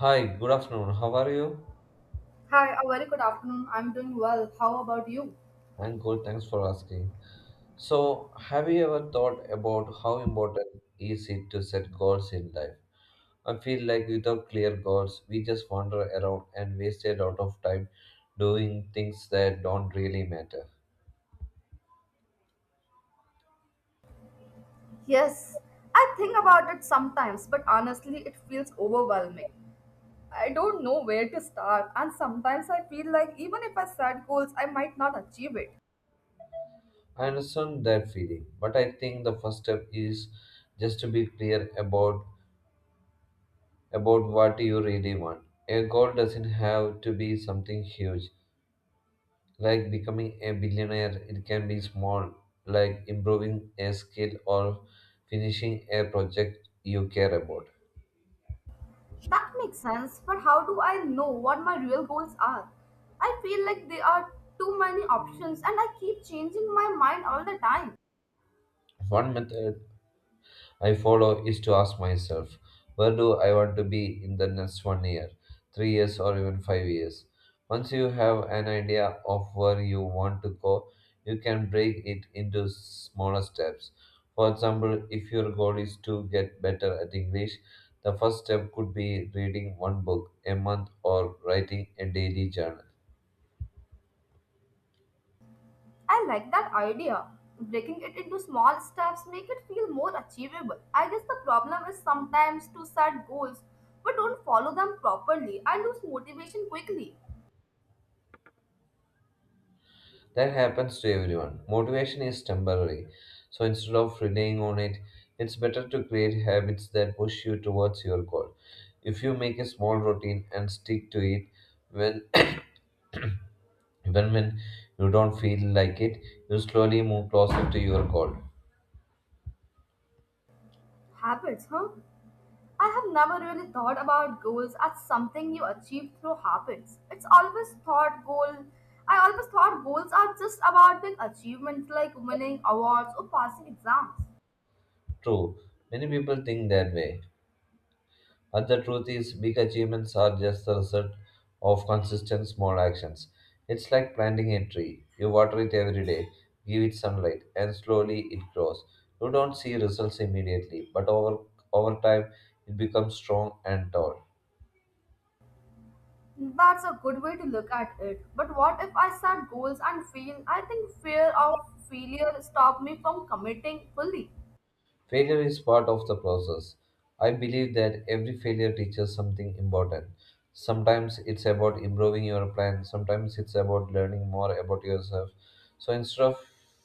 Hi, good afternoon. How are you? Hi, a very good afternoon. I'm doing well. How about you? I'm good, thanks for asking. So, have you ever thought about how important is it to set goals in life? I feel like without clear goals, we just wander around and waste a lot of time doing things that don't really matter. Yes, I think about it sometimes, but honestly, it feels overwhelming. I don't know where to start, and sometimes I feel like even if I set goals, I might not achieve it. I understand that feeling, but I think the first step is just to be clear about what you really want. A goal doesn't have to be something huge, like becoming a billionaire, it can be small, like improving a skill or finishing a project you care about. That makes sense, but how do I know what my real goals are? I feel like there are too many options, and I keep changing my mind all the time. One method I follow is to ask myself, where do I want to be in the next 1 year, 3 years, or even 5 years? Once you have an idea of where you want to go, you can break it into smaller steps. For example, if your goal is to get better at English, the first step could be reading one book a month or writing a daily journal. I like that idea. Breaking it into small steps make it feel more achievable. I guess the problem is sometimes to set goals but don't follow them properly. I lose motivation quickly. That happens to everyone. Motivation is temporary. So instead of relying on it, it's better to create habits that push you towards your goal. If you make a small routine and stick to it, when even when you don't feel like it, you slowly move closer to your goal. Habits, huh? I have never really thought about goals as something you achieve through habits. It's always thought goal. I always thought goals are just about big achievements like winning awards or passing exams. True, many people think that way, but the truth is, big achievements are just the result of consistent small actions. It's like planting a tree. You water it every day, give it sunlight, and slowly it grows. You don't see results immediately, but over time it becomes strong and tall. That's a good way to look at it. But what if I set goals and fail? I think fear of failure stopped me from committing fully. Failure is part of the process. I believe that every failure teaches something important. Sometimes it's about improving your plan, sometimes it's about learning more about yourself. So instead of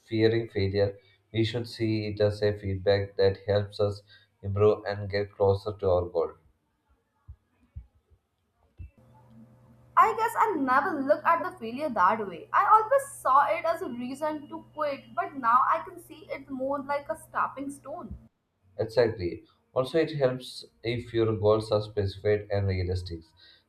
fearing failure, we should see it as a feedback that helps us improve and get closer to our goal. I guess I never looked at the failure that way. I always saw it as a reason to quit, but now I can see it more like a stepping stone. Exactly. Also, it helps if your goals are specified and realistic.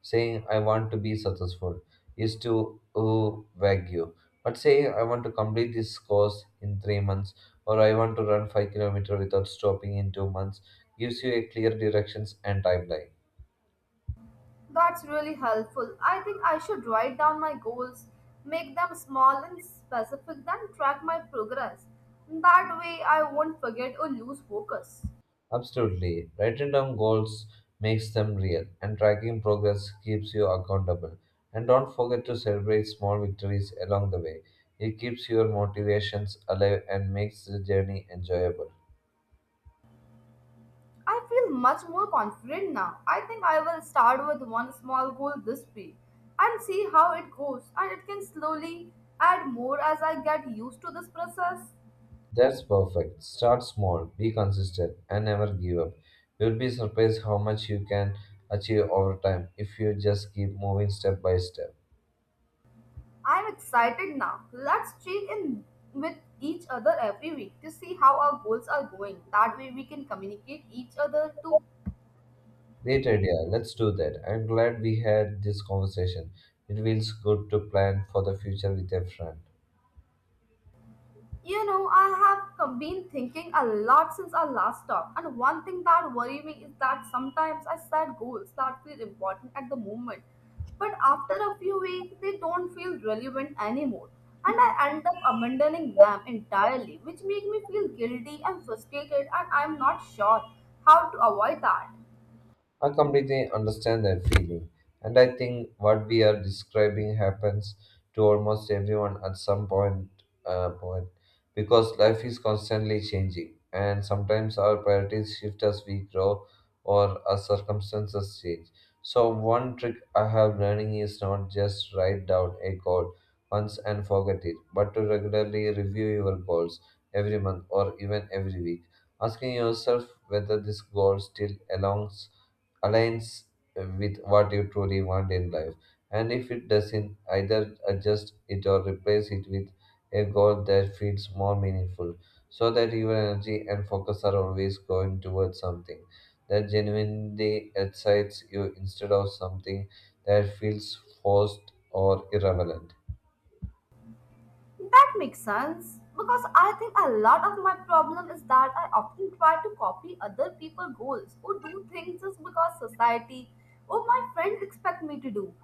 Saying, I want to be successful is too vague. You. But saying, I want to complete this course in 3 months or I want to run 5 kilometers without stopping in 2 months gives you a clear directions and timeline. That's really helpful. I think I should write down my goals, make them small and specific, then track my progress. That way, I won't forget or lose focus. Absolutely. Writing down goals makes them real, and tracking progress keeps you accountable. And don't forget to celebrate small victories along the way. It keeps your motivations alive and makes the journey enjoyable. I feel much more confident now. I think I will start with one small goal this week and see how it goes, and it can slowly add more as I get used to this process. That's perfect. Start small, be consistent, and never give up. You'll be surprised how much you can achieve over time if you just keep moving step by step. I'm excited now. Let's check in with each other every week to see how our goals are going. That way, we can communicate each other to Great idea. Let's do that. I'm glad we had this conversation. It feels good to plan for the future with a friend. You know, been thinking a lot since our last talk, and one thing that worries me is that sometimes I set goals that feel important at the moment, but after a few weeks they don't feel relevant anymore, and I end up abandoning them entirely, which makes me feel guilty and frustrated, and I'm not sure how to avoid that. I completely understand that feeling, and I think what we are describing happens to almost everyone at some point, because life is constantly changing, and sometimes our priorities shift as we grow or as circumstances change. So one trick I have learning is not just write down a goal once and forget it, but to regularly review your goals every month or even every week, asking yourself whether this goal still belongs aligns with what you truly want in life. And if it doesn't, either adjust it or replace it with a goal that feels more meaningful so that your energy and focus are always going towards something that genuinely excites you instead of something that feels forced or irrelevant. That makes sense because I think a lot of my problem is that I often try to copy other people's goals or do things just because society or my friends expect me to do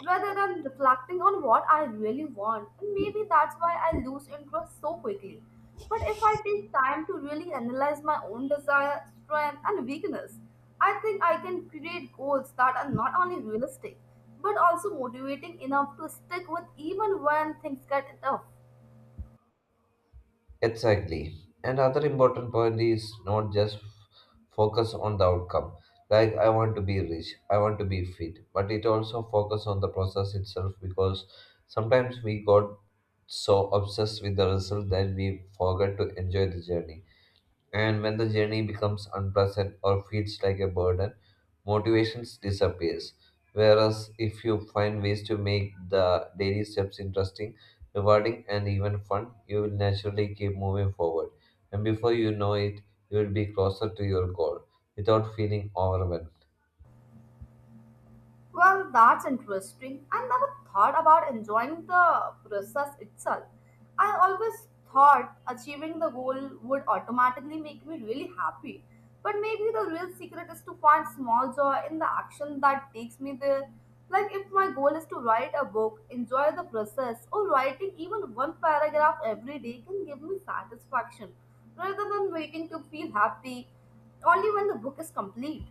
rather than reflecting on what I really want. And maybe that's why I lose interest so quickly. But if I take time to really analyze my own desire, strength, and weakness, I think I can create goals that are not only realistic but also motivating enough to stick with even when things get tough. Exactly. Another important point is not just focus on the outcome, like I want to be rich, I want to be fit, but it also focus on the process itself, because sometimes we got so obsessed with the result that we forget to enjoy the journey. And when the journey becomes unpleasant or feels like a burden, motivation disappears. Whereas if you find ways to make the daily steps interesting, rewarding, and even fun, you will naturally keep moving forward. And before you know it, you will be closer to your goal without feeling overwhelmed. Well, that's interesting. I never thought about enjoying the process itself. I always thought achieving the goal would automatically make me really happy. But maybe the real secret is to find small joy in the action that takes me there. Like if my goal is to write a book, enjoy the process, or writing even one paragraph every day can give me satisfaction rather than waiting to feel happy only when the book is complete.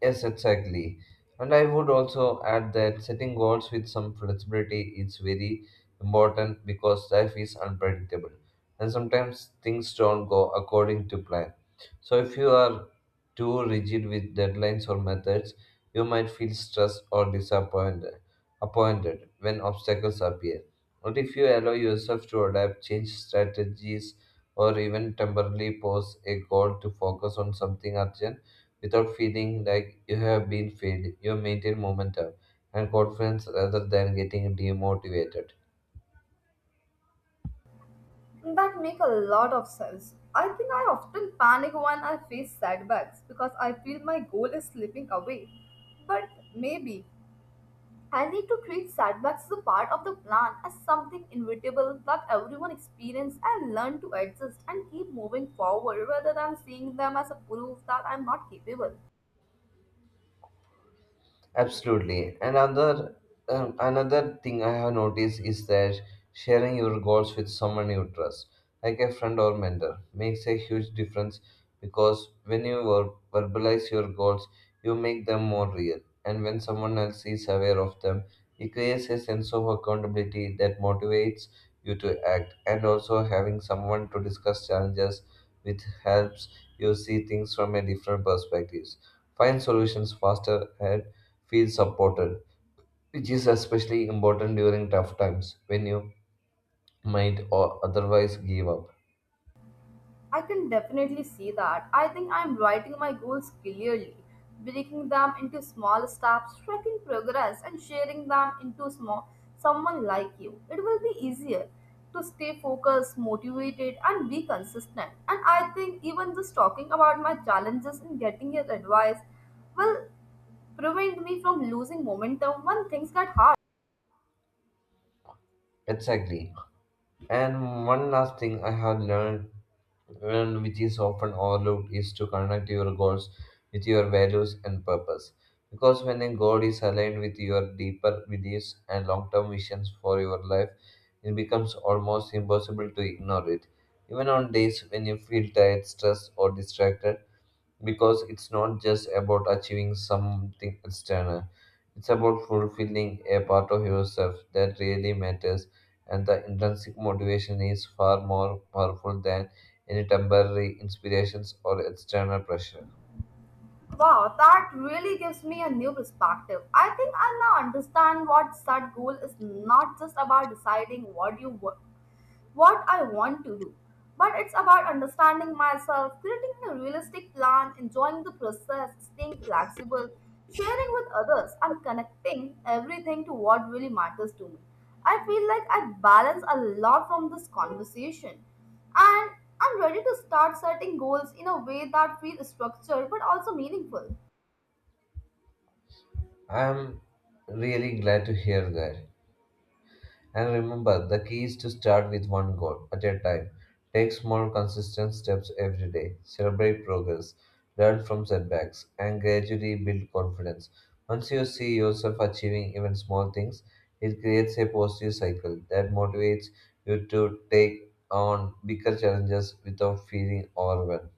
Yes, exactly. And I would also add that setting goals with some flexibility is very important because life is unpredictable and sometimes things don't go according to plan. So, if you are too rigid with deadlines or methods, you might feel stressed or disappointed appointed when obstacles appear. But if you allow yourself to adapt, change strategies, or even temporarily pause a goal to focus on something urgent, without feeling like you have been failed, you maintain momentum and confidence rather than getting demotivated. That make a lot of sense. I think I often panic when I face setbacks because I feel my goal is slipping away. But maybe I need to treat setbacks as a part of the plan, as something inevitable that everyone experiences and learn to adjust and keep moving forward rather than seeing them as a proof that I'm not capable. Absolutely. And another thing I have noticed is that sharing your goals with someone you trust, like a friend or mentor, makes a huge difference, because when you verbalize your goals, you make them more real. And when someone else is aware of them, it creates a sense of accountability that motivates you to act. And also having someone to discuss challenges with helps you see things from a different perspective, find solutions faster, and feel supported, which is especially important during tough times when you might or otherwise give up. I can definitely see that. I think I'm writing my goals clearly, breaking them into small steps, tracking progress, and sharing them into small someone like you. It will be easier to stay focused, motivated, and be consistent. And I think even just talking about my challenges and getting your advice will prevent me from losing momentum when things get hard. Exactly. And one last thing I have learned, and which is often overlooked, is to connect your goals with your values and purpose. Because when a goal is aligned with your deeper beliefs and long term visions for your life, it becomes almost impossible to ignore it, even on days when you feel tired, stressed, or distracted, because it's not just about achieving something external. It's about fulfilling a part of yourself that really matters, and the intrinsic motivation is far more powerful than any temporary inspirations or external pressure. Wow, that really gives me a new perspective. I think I now understand what set goal is not just about deciding what you want what I want to do. But it's about understanding myself, creating a realistic plan, enjoying the process, staying flexible, sharing with others, and connecting everything to what really matters to me. I feel like I balance a lot from this conversation. And I'm ready to start setting goals in a way that feels structured but also meaningful. I'm really glad to hear that. And remember, the key is to start with one goal at a time. Take small, consistent steps every day. Celebrate progress, learn from setbacks, and gradually build confidence. Once you see yourself achieving even small things, it creates a positive cycle that motivates you to take on bigger challenges without feeling overwhelmed.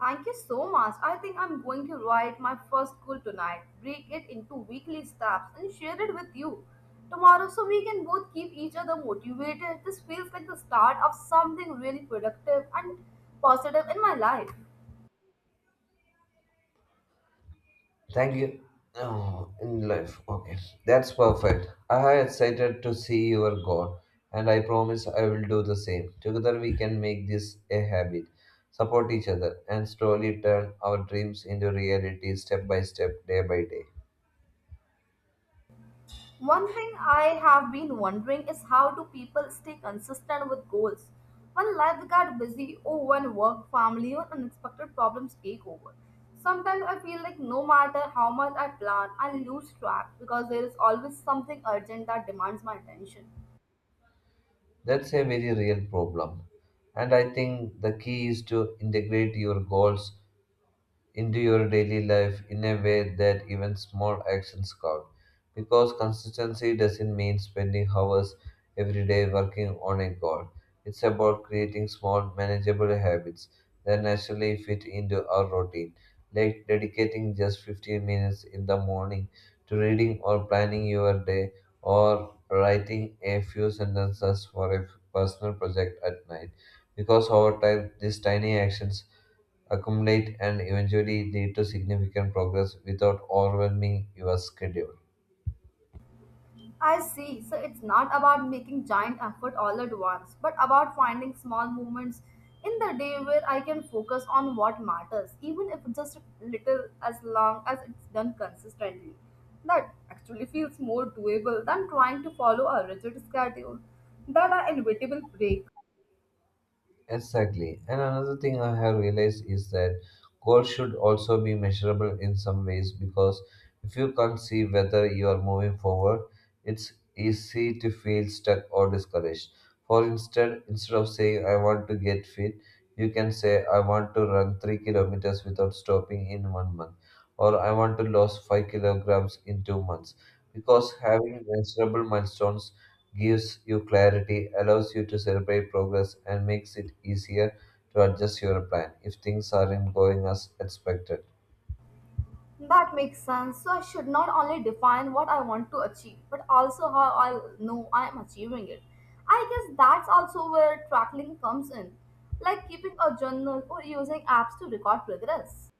Thank you so much. I think I'm going to write my first goal tonight, break it into weekly steps, and share it with you tomorrow so we can both keep each other motivated. This feels like the start of something really productive and positive in my life. Thank you. Oh, in life. Okay. That's perfect. I am excited to see your goal, and I promise I will do the same. Together we can make this a habit, support each other, and slowly turn our dreams into reality step by step, day by day. One thing I have been wondering is how do people stay consistent with goals when life got busy or when work, family, or unexpected problems take over. Sometimes I feel like no matter how much I plan, I lose track because there is always something urgent that demands my attention. That's a very real problem. And I think the key is to integrate your goals into your daily life in a way that even small actions count. Because consistency doesn't mean spending hours every day working on a goal. It's about creating small, manageable habits that naturally fit into our routine, like dedicating just 15 minutes in the morning to reading or planning your day, or writing a few sentences for a personal project at night. Because over time, these tiny actions accumulate, and eventually lead to significant progress without overwhelming your schedule. I see. So it's not about making giant effort all at once, but about finding small moments in the day where I can focus on what matters, even if just little as long as it's done consistently. That actually feels more doable than trying to follow a rigid schedule that are inevitable break. Exactly. And another thing I have realized is that goals should also be measurable in some ways, because if you can't see whether you are moving forward, it's easy to feel stuck or discouraged. Instead of saying I want to get fit, you can say I want to run 3 kilometers without stopping in 1 month, or I want to lose 5 kilograms in 2 months. Because having measurable milestones gives you clarity, allows you to celebrate progress, and makes it easier to adjust your plan if things aren't going as expected. That makes sense. So I should not only define what I want to achieve, but also how I know I am achieving it. I guess that's also where tracking comes in, like keeping a journal or using apps to record progress.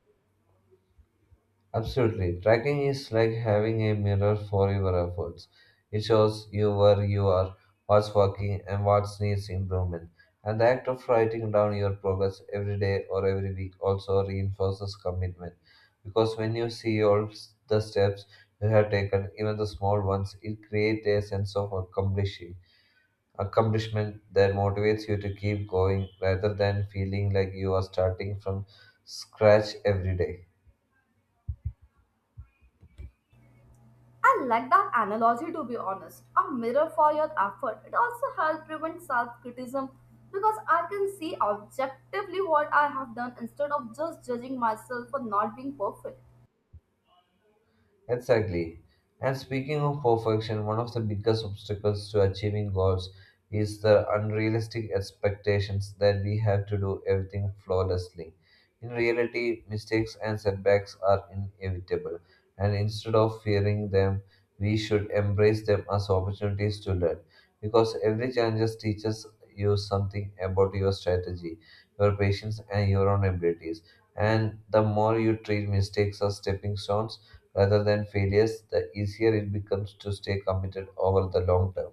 Absolutely. Tracking is like having a mirror for your efforts. It shows you where you are, what's working, and what needs improvement. And the act of writing down your progress every day or every week also reinforces commitment. Because when you see all the steps you have taken, even the small ones, it creates a sense of accomplishing. Accomplishment that motivates you to keep going rather than feeling like you are starting from scratch every day. I like that analogy to be honest. A mirror for your effort. It also helps prevent self criticism because I can see objectively what I have done instead of just judging myself for not being perfect. Exactly. And speaking of perfection, one of the biggest obstacles to achieving goals is the unrealistic expectations that we have to do everything flawlessly. In reality, mistakes and setbacks are inevitable, and instead of fearing them, we should embrace them as opportunities to learn. Because every challenge teaches you something about your strategy, your patience, and your own abilities. And the more you treat mistakes as stepping stones, rather than failures, the easier it becomes to stay committed over the long term.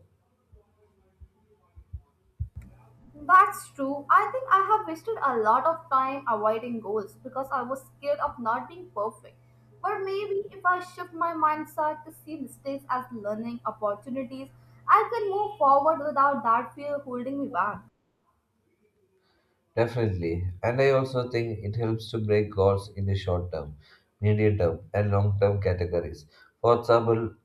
That's true. I think I have wasted a lot of time avoiding goals because I was scared of not being perfect. But maybe if I shift my mindset to see mistakes as learning opportunities, I can move forward without that fear holding me back. Definitely. And I also think it helps to break goals in the short term, medium term, and long term categories. For example,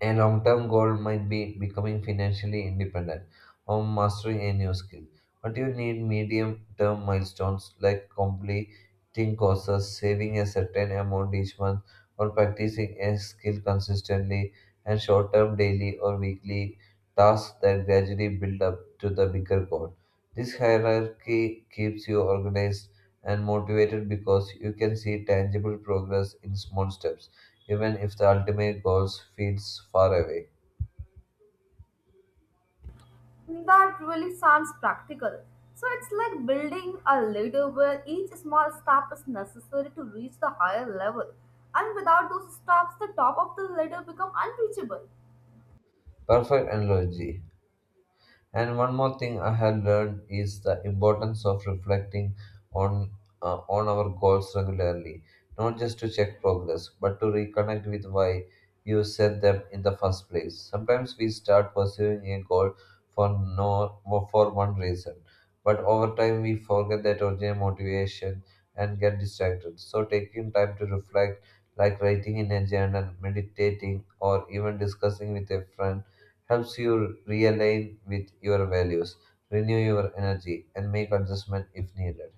a long term goal might be becoming financially independent or mastering a new skill. But you need medium term milestones like completing courses, saving a certain amount each month, or practicing a skill consistently, and short term daily or weekly tasks that gradually build up to the bigger goal. This hierarchy keeps you organized and motivated because you can see tangible progress in small steps even if the ultimate goal feels far away. That really sounds practical. So it's like building a ladder where each small step is necessary to reach the higher level. And without those steps, the top of the ladder become unreachable. Perfect analogy. And one more thing I have learned is the importance of reflecting on on our goals regularly, not just to check progress, but to reconnect with why you set them in the first place. Sometimes we start pursuing a goal for no for one reason, but over time we forget that original motivation and get distracted. So taking time to reflect, like writing in a journal, meditating, or even discussing with a friend helps you realign with your values, renew your energy, and make adjustment if needed.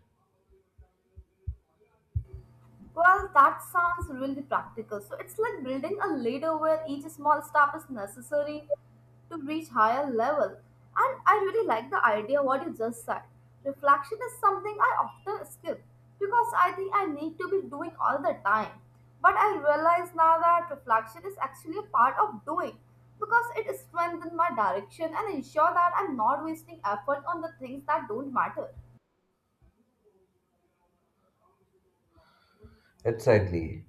Well, that sounds really practical. So it's like building a ladder where each small step is necessary to reach higher level. And I really like the idea what you just said. Reflection is something I often skip because I think I need to be doing all the time. But I realize now that reflection is actually a part of doing because it strengthens my direction and ensure that I'm not wasting effort on the things that don't matter. Exactly.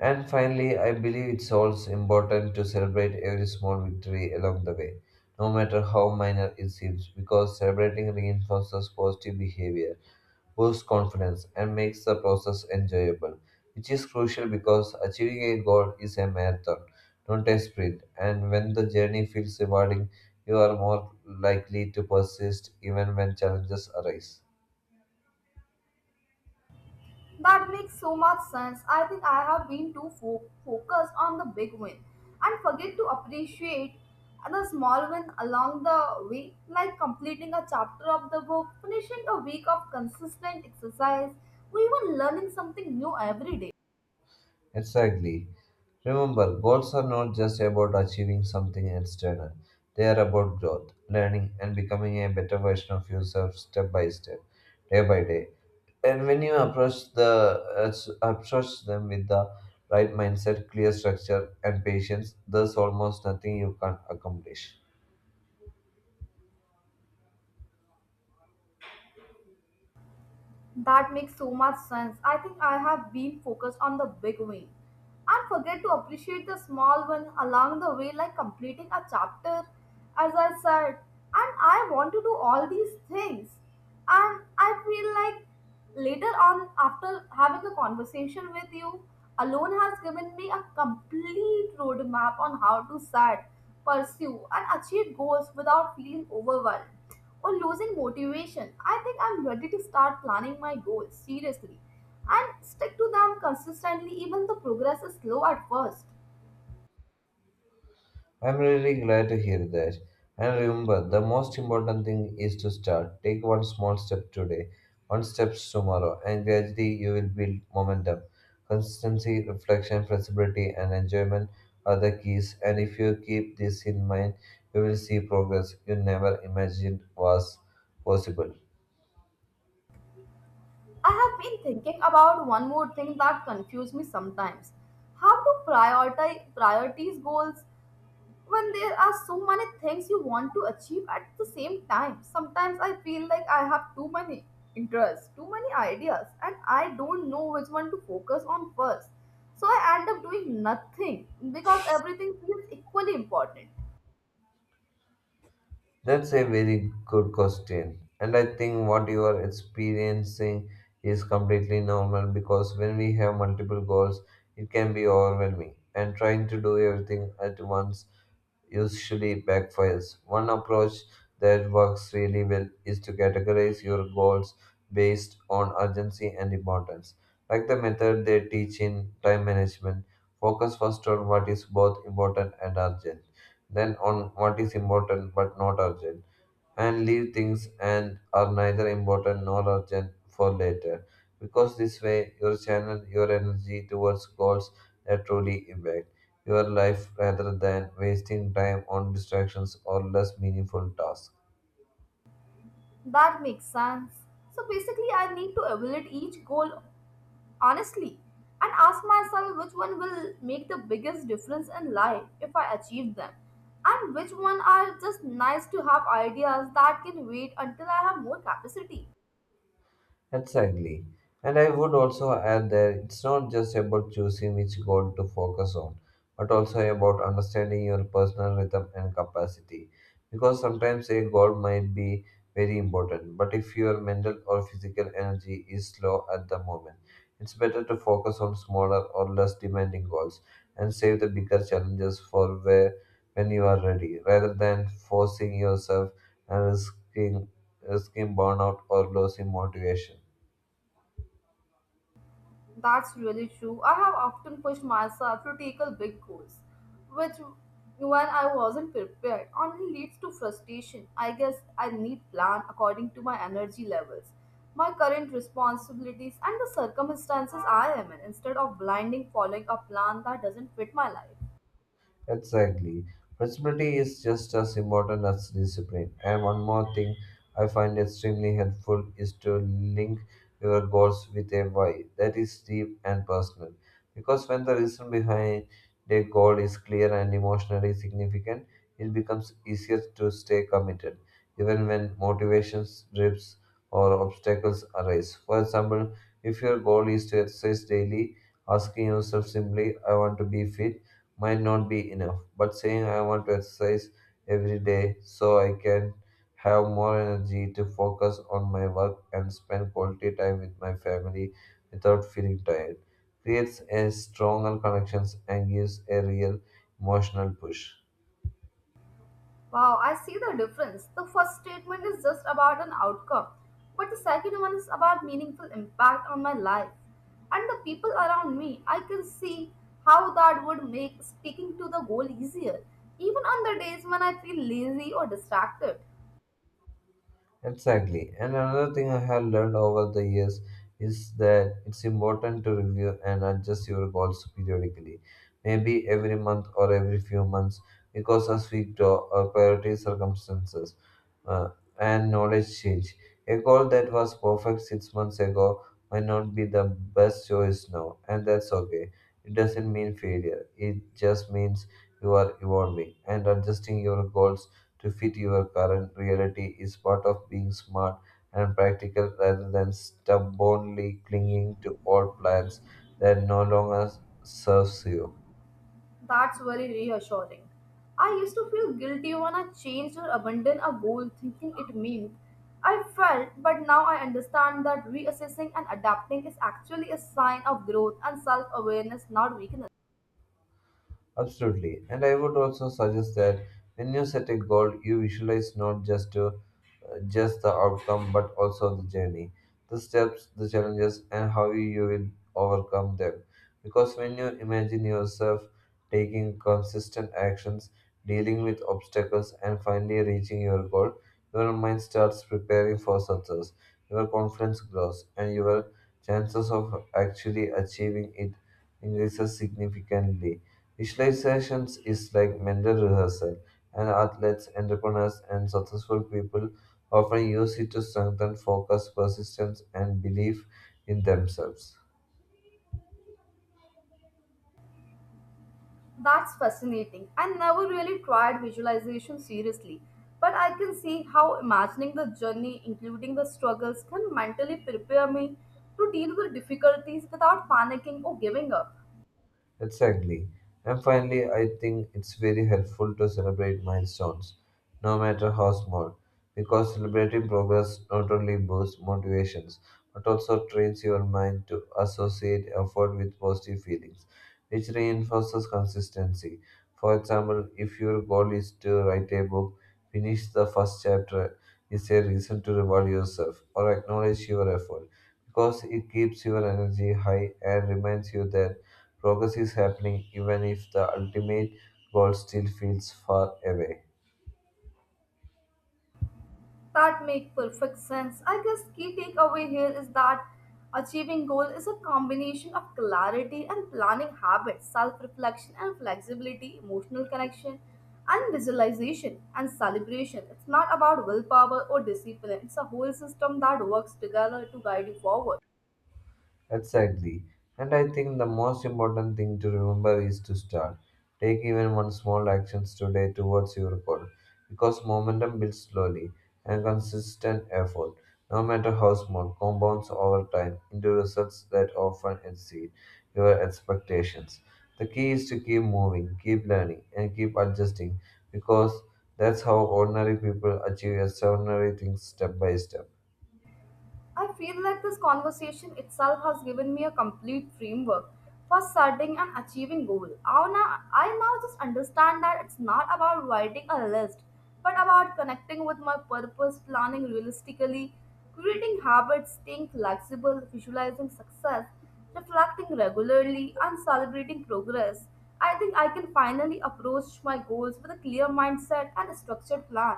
And finally, I believe it's also important to celebrate every small victory along the way, no matter how minor it seems, because celebrating reinforces positive behavior boosts confidence, and makes the process enjoyable, which is crucial because achieving a goal is a marathon, not a sprint. And when the journey feels rewarding, you are more likely to persist even when challenges arise. That makes so much sense. I think I have been focused on the big win and forget to appreciate the small win along the way, like completing a chapter of the book, finishing a week of consistent exercise, or even learning something new every day. Exactly. Remember, goals are not just about achieving something external. They are about growth, learning, and becoming a better version of yourself step by step, day by day. And when you approach them with the right mindset, clear structure, and patience, there's almost nothing you can't accomplish. That makes so much sense. I think I have been focused on the big win and forget to appreciate the small one along the way, like completing a chapter, as I said. And I want to do all these things. And I feel like later on, after having a conversation with you, alone has given me a complete roadmap on how to set, pursue, and achieve goals without feeling overwhelmed or losing motivation, I think I'm ready to start planning my goals seriously and stick to them consistently even the progress is slow at first. I'm really glad to hear that. And remember, the most important thing is to start. Take one small step today, one step tomorrow, and gradually you will build momentum. Consistency, reflection, flexibility, and enjoyment are the keys. And if you keep this in mind, you will see progress you never imagined was possible. I have been thinking about one more thing that confuses me sometimes. How to prioritize priorities goals when there are so many things you want to achieve at the same time. Sometimes I feel like I have too many interests, too many ideas, and I don't know which one to focus on first. So I end up doing nothing because everything feels equally important. That's a very good question. And I think what you are experiencing is completely normal because when we have multiple goals, it can be overwhelming. And trying to do everything at once usually backfires. One approach that works really well is to categorize your goals based on urgency and importance. Like the method they teach in time management, focus first on what is both important and urgent, then on what is important but not urgent, and leave things and are neither important nor urgent for later. Because this way you channel your energy towards goals that truly impact your life rather than wasting time on distractions or less meaningful tasks. That makes sense. So basically, I need to evaluate each goal honestly and ask myself which one will make the biggest difference in life if I achieve them and which one are just nice to have ideas that can wait until I have more capacity. Exactly. And I would also add that it's not just about choosing which goal to focus on, but also about understanding your personal rhythm and capacity. Because sometimes a goal might be very important, but if your mental or physical energy is slow at the moment, it's better to focus on smaller or less demanding goals and save the bigger challenges for where when you are ready, rather than forcing yourself and risking burnout or losing motivation. That's really true. I have often pushed myself to tackle big goals, which, when I wasn't prepared, only leads to frustration. I guess I need plan according to my energy levels, my current responsibilities, and the circumstances I am in, instead of blinding following a plan that doesn't fit my life. Exactly. Flexibility is just as important as discipline. And one more thing I find extremely helpful is to link your goals with a why that is deep and personal. Because when the reason behind the goal is clear and emotionally significant, it becomes easier to stay committed, even when motivation drips or obstacles arise. For example, if your goal is to exercise daily, asking yourself simply, I want to be fit might not be enough, but saying I want to exercise every day so I can have more energy to focus on my work and spend quality time with my family without feeling tired creates a stronger connections and gives a real emotional push. Wow, I see the difference. The first statement is just about an outcome, but the second one is about meaningful impact on my life and the people around me. I can see how that would make speaking to the goal easier, even on the days when I feel lazy or distracted. Exactly. And another thing I have learned over the years is that it's important to review and adjust your goals periodically, maybe every month or every few months, because as we grow, our priority circumstances uh, and knowledge change. A goal that was perfect 6 months ago might not be the best choice now, and that's okay. It doesn't mean failure, it just means you are evolving and adjusting your goals to fit your current reality is part of being smart and practical rather than stubbornly clinging to old plans that no longer serves you. That's very reassuring. I used to feel guilty when I changed or abandoned a goal thinking it meant I felt, but now I understand that reassessing and adapting is actually a sign of growth and self awareness, not weakness. Absolutely. And I would also suggest that when you set a goal, you visualize not just your just the outcome but also the journey, the steps, the challenges, and how you will overcome them. Because when you imagine yourself taking consistent actions, dealing with obstacles, and finally reaching your goal, your mind starts preparing for success your confidence grows, and your chances of actually achieving it increases significantly. Visualizations is like mental rehearsal, and athletes, entrepreneurs, and successful people often use it to strengthen focus, persistence, and belief in themselves. That's fascinating. I never really tried visualization seriously, but I can see how imagining the journey, including the struggles, can mentally prepare me to deal with difficulties without panicking or giving up. Exactly. And finally, I think it's very helpful to celebrate milestones, no matter how small, because celebrating progress not only boosts motivations but also trains your mind to associate effort with positive feelings, which reinforces consistency. For example, if your goal is to write a book, finish the first chapter is a reason to reward yourself or acknowledge your effort because it keeps your energy high and reminds you that progress is happening, even if the ultimate goal still feels far away. That make perfect sense. I guess key takeaway here is that achieving goal is a combination of clarity and planning habits, self-reflection and flexibility, emotional connection and visualization and celebration. It's not about willpower or discipline. It's a whole system that works together to guide you forward. Exactly. And I think the most important thing to remember is to start. Take even one small actions today towards your goal because momentum builds slowly and consistent effort, no matter how small, compounds over time into results that often exceed your expectations. The key is to keep moving, keep learning, and keep adjusting because that's how ordinary people achieve extraordinary things step by step. I feel like this conversation itself has given me a complete framework for setting and achieving goal. I now just understand that it's not about writing a list, but about connecting with my purpose, planning realistically, creating habits, staying flexible, visualizing success, reflecting regularly, and celebrating progress. I think I can finally approach my goals with a clear mindset and a structured plan.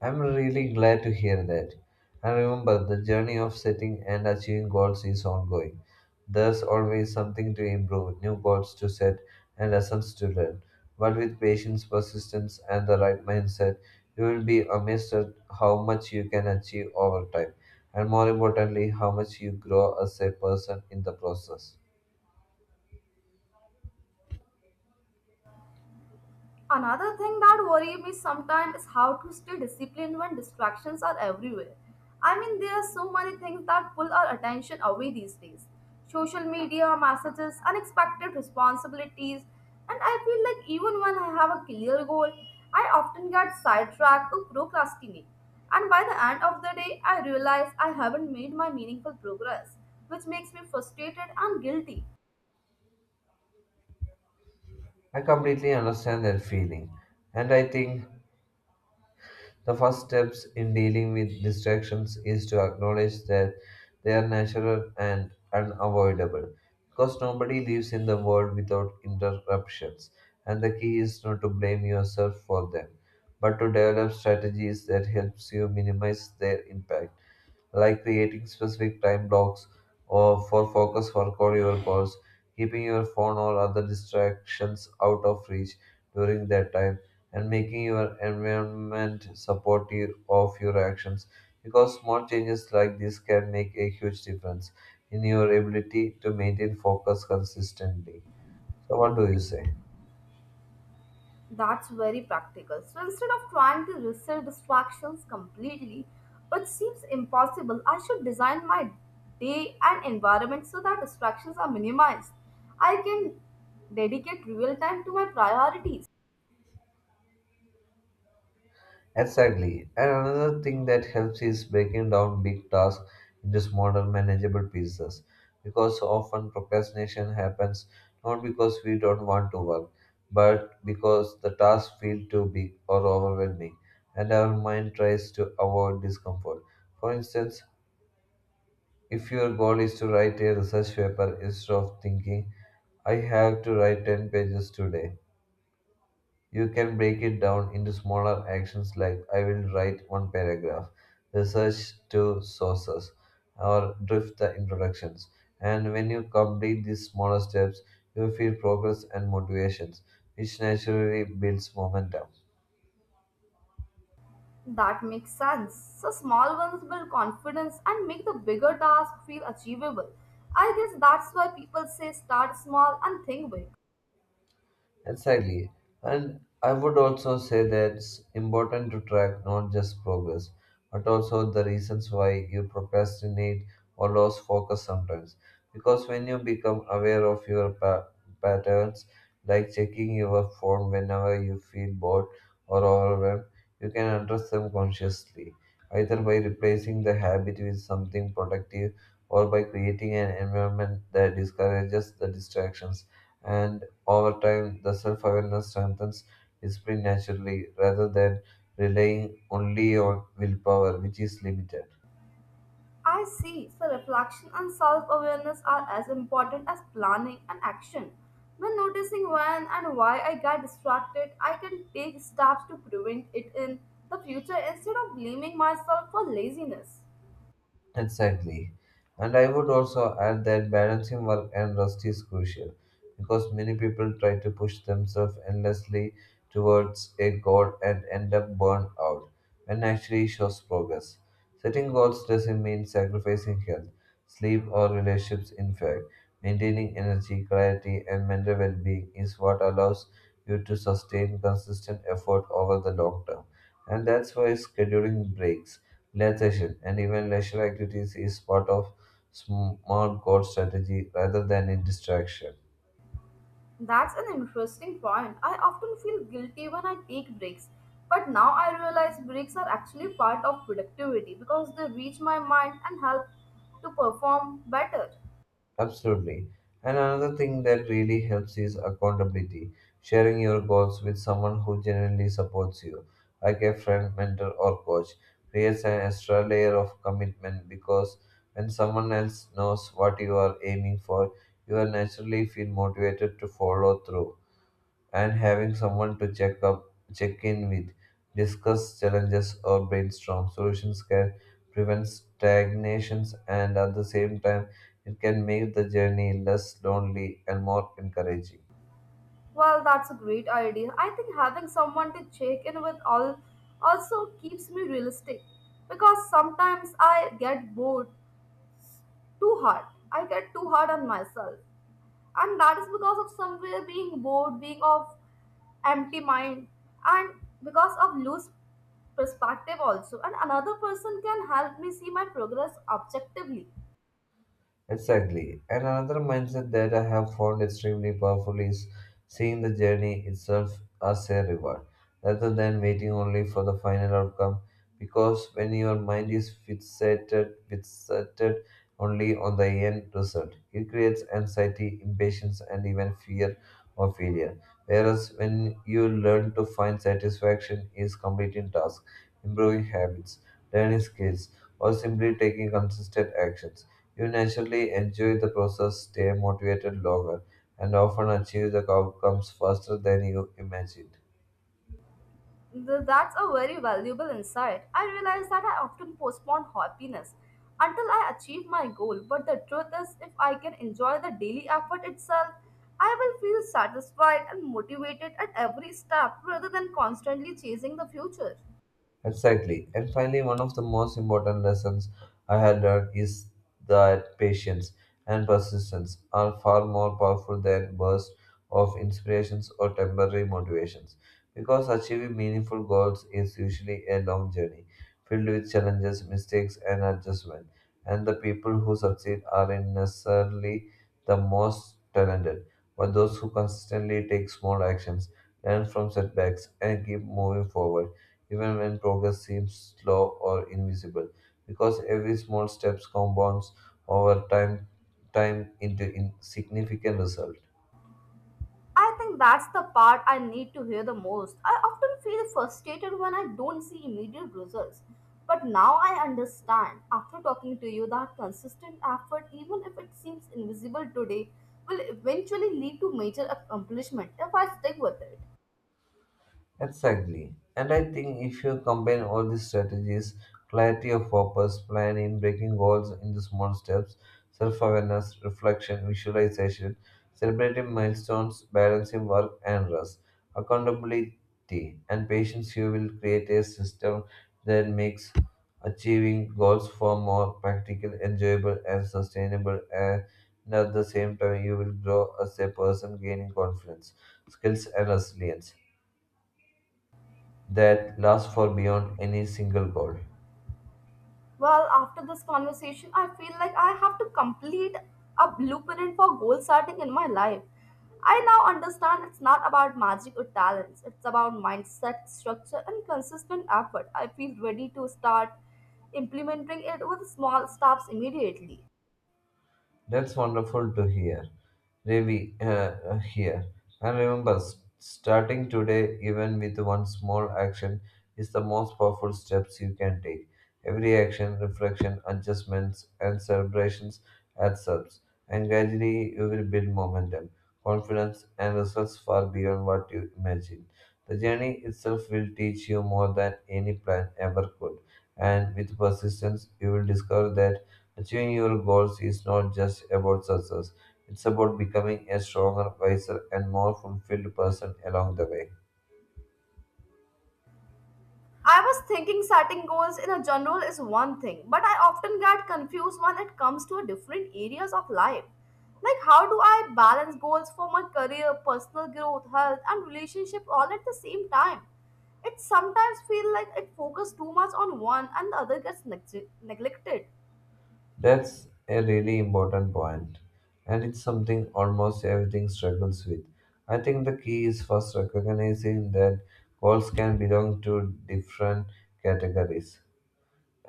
I'm really glad to hear that. And remember, the journey of setting and achieving goals is ongoing. There's always something to improve, new goals to set, and lessons to learn. But with patience, persistence, and the right mindset, you will be amazed at how much you can achieve over time, and more importantly, how much you grow as a person in the process. Another thing that worries me sometimes is how to stay disciplined when distractions are everywhere. I mean, there are so many things that pull our attention away these days social media, messages, unexpected responsibilities, and I feel like even when I have a clear goal, I often get sidetracked or procrastinate. And by the end of the day, I realize I haven't made my meaningful progress, which makes me frustrated and guilty. I completely understand that feeling, and I think the first steps in dealing with distractions is to acknowledge that they are natural and unavoidable, because nobody lives in the world without interruptions, and the key is not to blame yourself for them, but to develop strategies that helps you minimize their impact, like creating specific time blocks or for focus work or your calls, keeping your phone or other distractions out of reach during that time, and making your environment supportive of your actions. Because small changes like this can make a huge difference in your ability to maintain focus consistently. So, what do you say? That's very practical. So instead of trying to resist distractions completely, which seems impossible, I should design my day and environment so that distractions are minimized. I can dedicate real time to my priorities. Exactly. And another thing that helps is breaking down big tasks into smaller manageable pieces. Because often procrastination happens not because we don't want to work, but because the tasks feel too big or overwhelming, and our mind tries to avoid discomfort. For instance, if your goal is to write a research paper instead of thinking, I have to write 10 pages today. You can break it down into smaller actions like I will write one paragraph, research two sources, or drift the introductions. And when you complete these smaller steps, you feel progress and motivations, which naturally builds momentum. That makes sense. So small ones build confidence and make the bigger task feel achievable. I guess that's why people say start small and think big. Exactly. And I would also say that it's important to track not just progress, but also the reasons why you procrastinate or lose focus sometimes. Because when you become aware of your patterns, like checking your phone whenever you feel bored or overwhelmed, you can address them consciously, either by replacing the habit with something productive or by creating an environment that discourages the distractions, and over time, the self awareness strengthens discipline naturally rather than relying only on willpower, which is limited. I see. So, reflection and self awareness are as important as planning and action. When noticing when and why I get distracted, I can take steps to prevent it in the future instead of blaming myself for laziness. Exactly. And I would also add that balancing work and rest is crucial because many people try to push themselves endlessly towards a goal and end up burned out when actually it shows progress. Setting goals doesn't mean sacrificing health, sleep, or relationships. In fact, maintaining energy, clarity, and mental well being is what allows you to sustain consistent effort over the long term. And that's why scheduling breaks Land session, and even leisure activities is part of smart goal strategy rather than a distraction. That's an interesting point. I often feel guilty when I take breaks, but now I realize breaks are actually part of productivity because they reach my mind and help to perform better. Absolutely. And another thing that really helps is accountability, sharing your goals with someone who genuinely supports you, like a friend, mentor, or coach, creates an extra layer of commitment because when someone else knows what you are aiming for, you are naturally feel motivated to follow through, and having someone to check in with, discuss challenges or brainstorm solutions can prevent stagnations, and at the same time it can make the journey less lonely and more encouraging. Well, that's a great idea. I think having someone to check in with all also keeps me realistic because sometimes I get bored too hard. I get too hard on myself, and that is because of somewhere being bored, being of empty mind, and because of loose perspective also. And another person can help me see my progress objectively. Exactly. And another mindset that I have found extremely powerful is seeing the journey itself as a reward rather than waiting only for the final outcome. Because when your mind is fixated only on the end result, it creates anxiety, impatience, and even fear of failure. Whereas when you learn to find satisfaction is completing tasks, improving habits, learning skills, or simply taking consistent actions you naturally enjoy the process, stay motivated longer, and often achieve the outcomes faster than you imagined. That's a very valuable insight. I realize that I often postpone happiness until I achieve my goal, but the truth is, if I can enjoy the daily effort itself, I will feel satisfied and motivated at every step rather than constantly chasing the future. Exactly. And finally, one of the most important lessons I had learned is that patience and persistence are far more powerful than bursts of inspirations or temporary motivations. Because achieving meaningful goals is usually a long journey filled with challenges, mistakes, and adjustment. And the people who succeed aren't necessarily the most talented, but those who consistently take small actions, learn from setbacks, and keep moving forward even when progress seems slow or invisible, because every small step compounds over time into significant result. I think that's the part I need to hear the most. I often feel frustrated when I don't see immediate results. But now I understand, after talking to you, that consistent effort, even if it seems invisible today, will eventually lead to major accomplishment if I stick with it. Exactly. And I think if you combine all these strategies, clarity of purpose, planning, breaking goals into small steps, self awareness, reflection, visualization, celebrating milestones, balancing work and rest, accountability, and patience, you will create a system that makes achieving goals far more practical, enjoyable, and sustainable. And at the same time, you will grow as a person, gaining confidence, skills, and resilience that lasts for beyond any single goal. Well, after this conversation, I feel like I have to complete a blueprint for goal setting in my life. I now understand it's not about magic or talents, it's about mindset, structure, and consistent effort. I feel ready to start implementing it with small steps immediately. That's wonderful to hear. Really, here. And remember, starting today, even with one small action, is the most powerful steps you can take. Every action, reflection, adjustments, and celebrations adds up, and gradually you will build momentum, confidence, and results far beyond what you imagine. The journey itself will teach you more than any plan ever could, and with persistence, you will discover that achieving your goals is not just about success, it's about becoming a stronger, wiser, and more fulfilled person along the way. I was thinking setting goals in a general is one thing, but I often get confused when it comes to different areas of life. Like, how do I balance goals for my career, personal growth, health, and relationship all at the same time? It sometimes feels like it focuses too much on one and the other gets neglected. That's a really important point, and it's something almost everything struggles with. I think the key is first recognizing that goals can belong to different categories,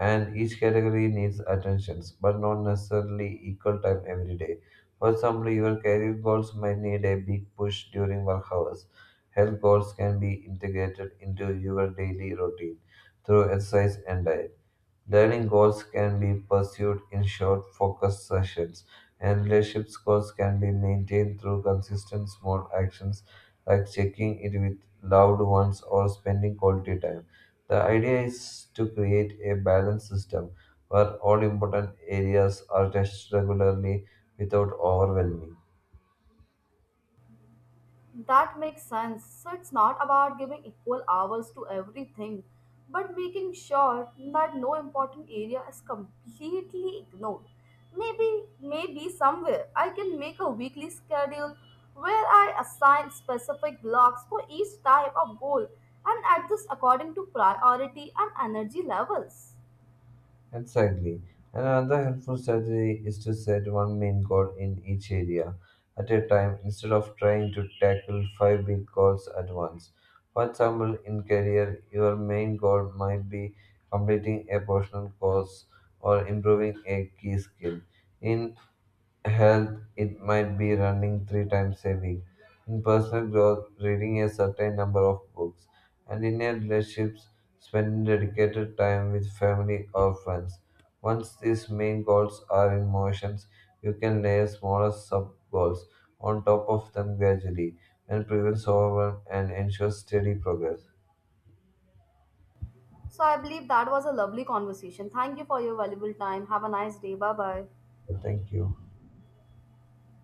and each category needs attentions, but not necessarily equal time every day. For example, your career goals might need a big push during work hours. Health goals can be integrated into your daily routine through exercise and diet. Learning goals can be pursued in short, focused sessions, and relationship goals can be maintained through consistent small actions like checking in with loved ones or spending quality time. The idea is to create a balanced system where all important areas are touched regularly without overwhelming. That makes sense. So it's not about giving equal hours to everything, but making sure that no important area is completely ignored. Maybe somewhere I can make a weekly schedule where I assign specific blocks for each type of goal and adjust according to priority and energy levels. Exactly. And another helpful strategy is to set one main goal in each area at a time instead of trying to tackle five big goals at once. For example, in career, your main goal might be completing a personal course or improving a key skill. In health, it might be running three times a week. In personal growth, reading a certain number of books. And in your relationships, spending dedicated time with family or friends. Once these main goals are in motions, you can layer smaller sub goals on top of them gradually and prevents overwhelm and ensures steady progress. So I believe that was a lovely conversation. Thank you for your valuable time. Have a nice day. Bye bye. Thank you.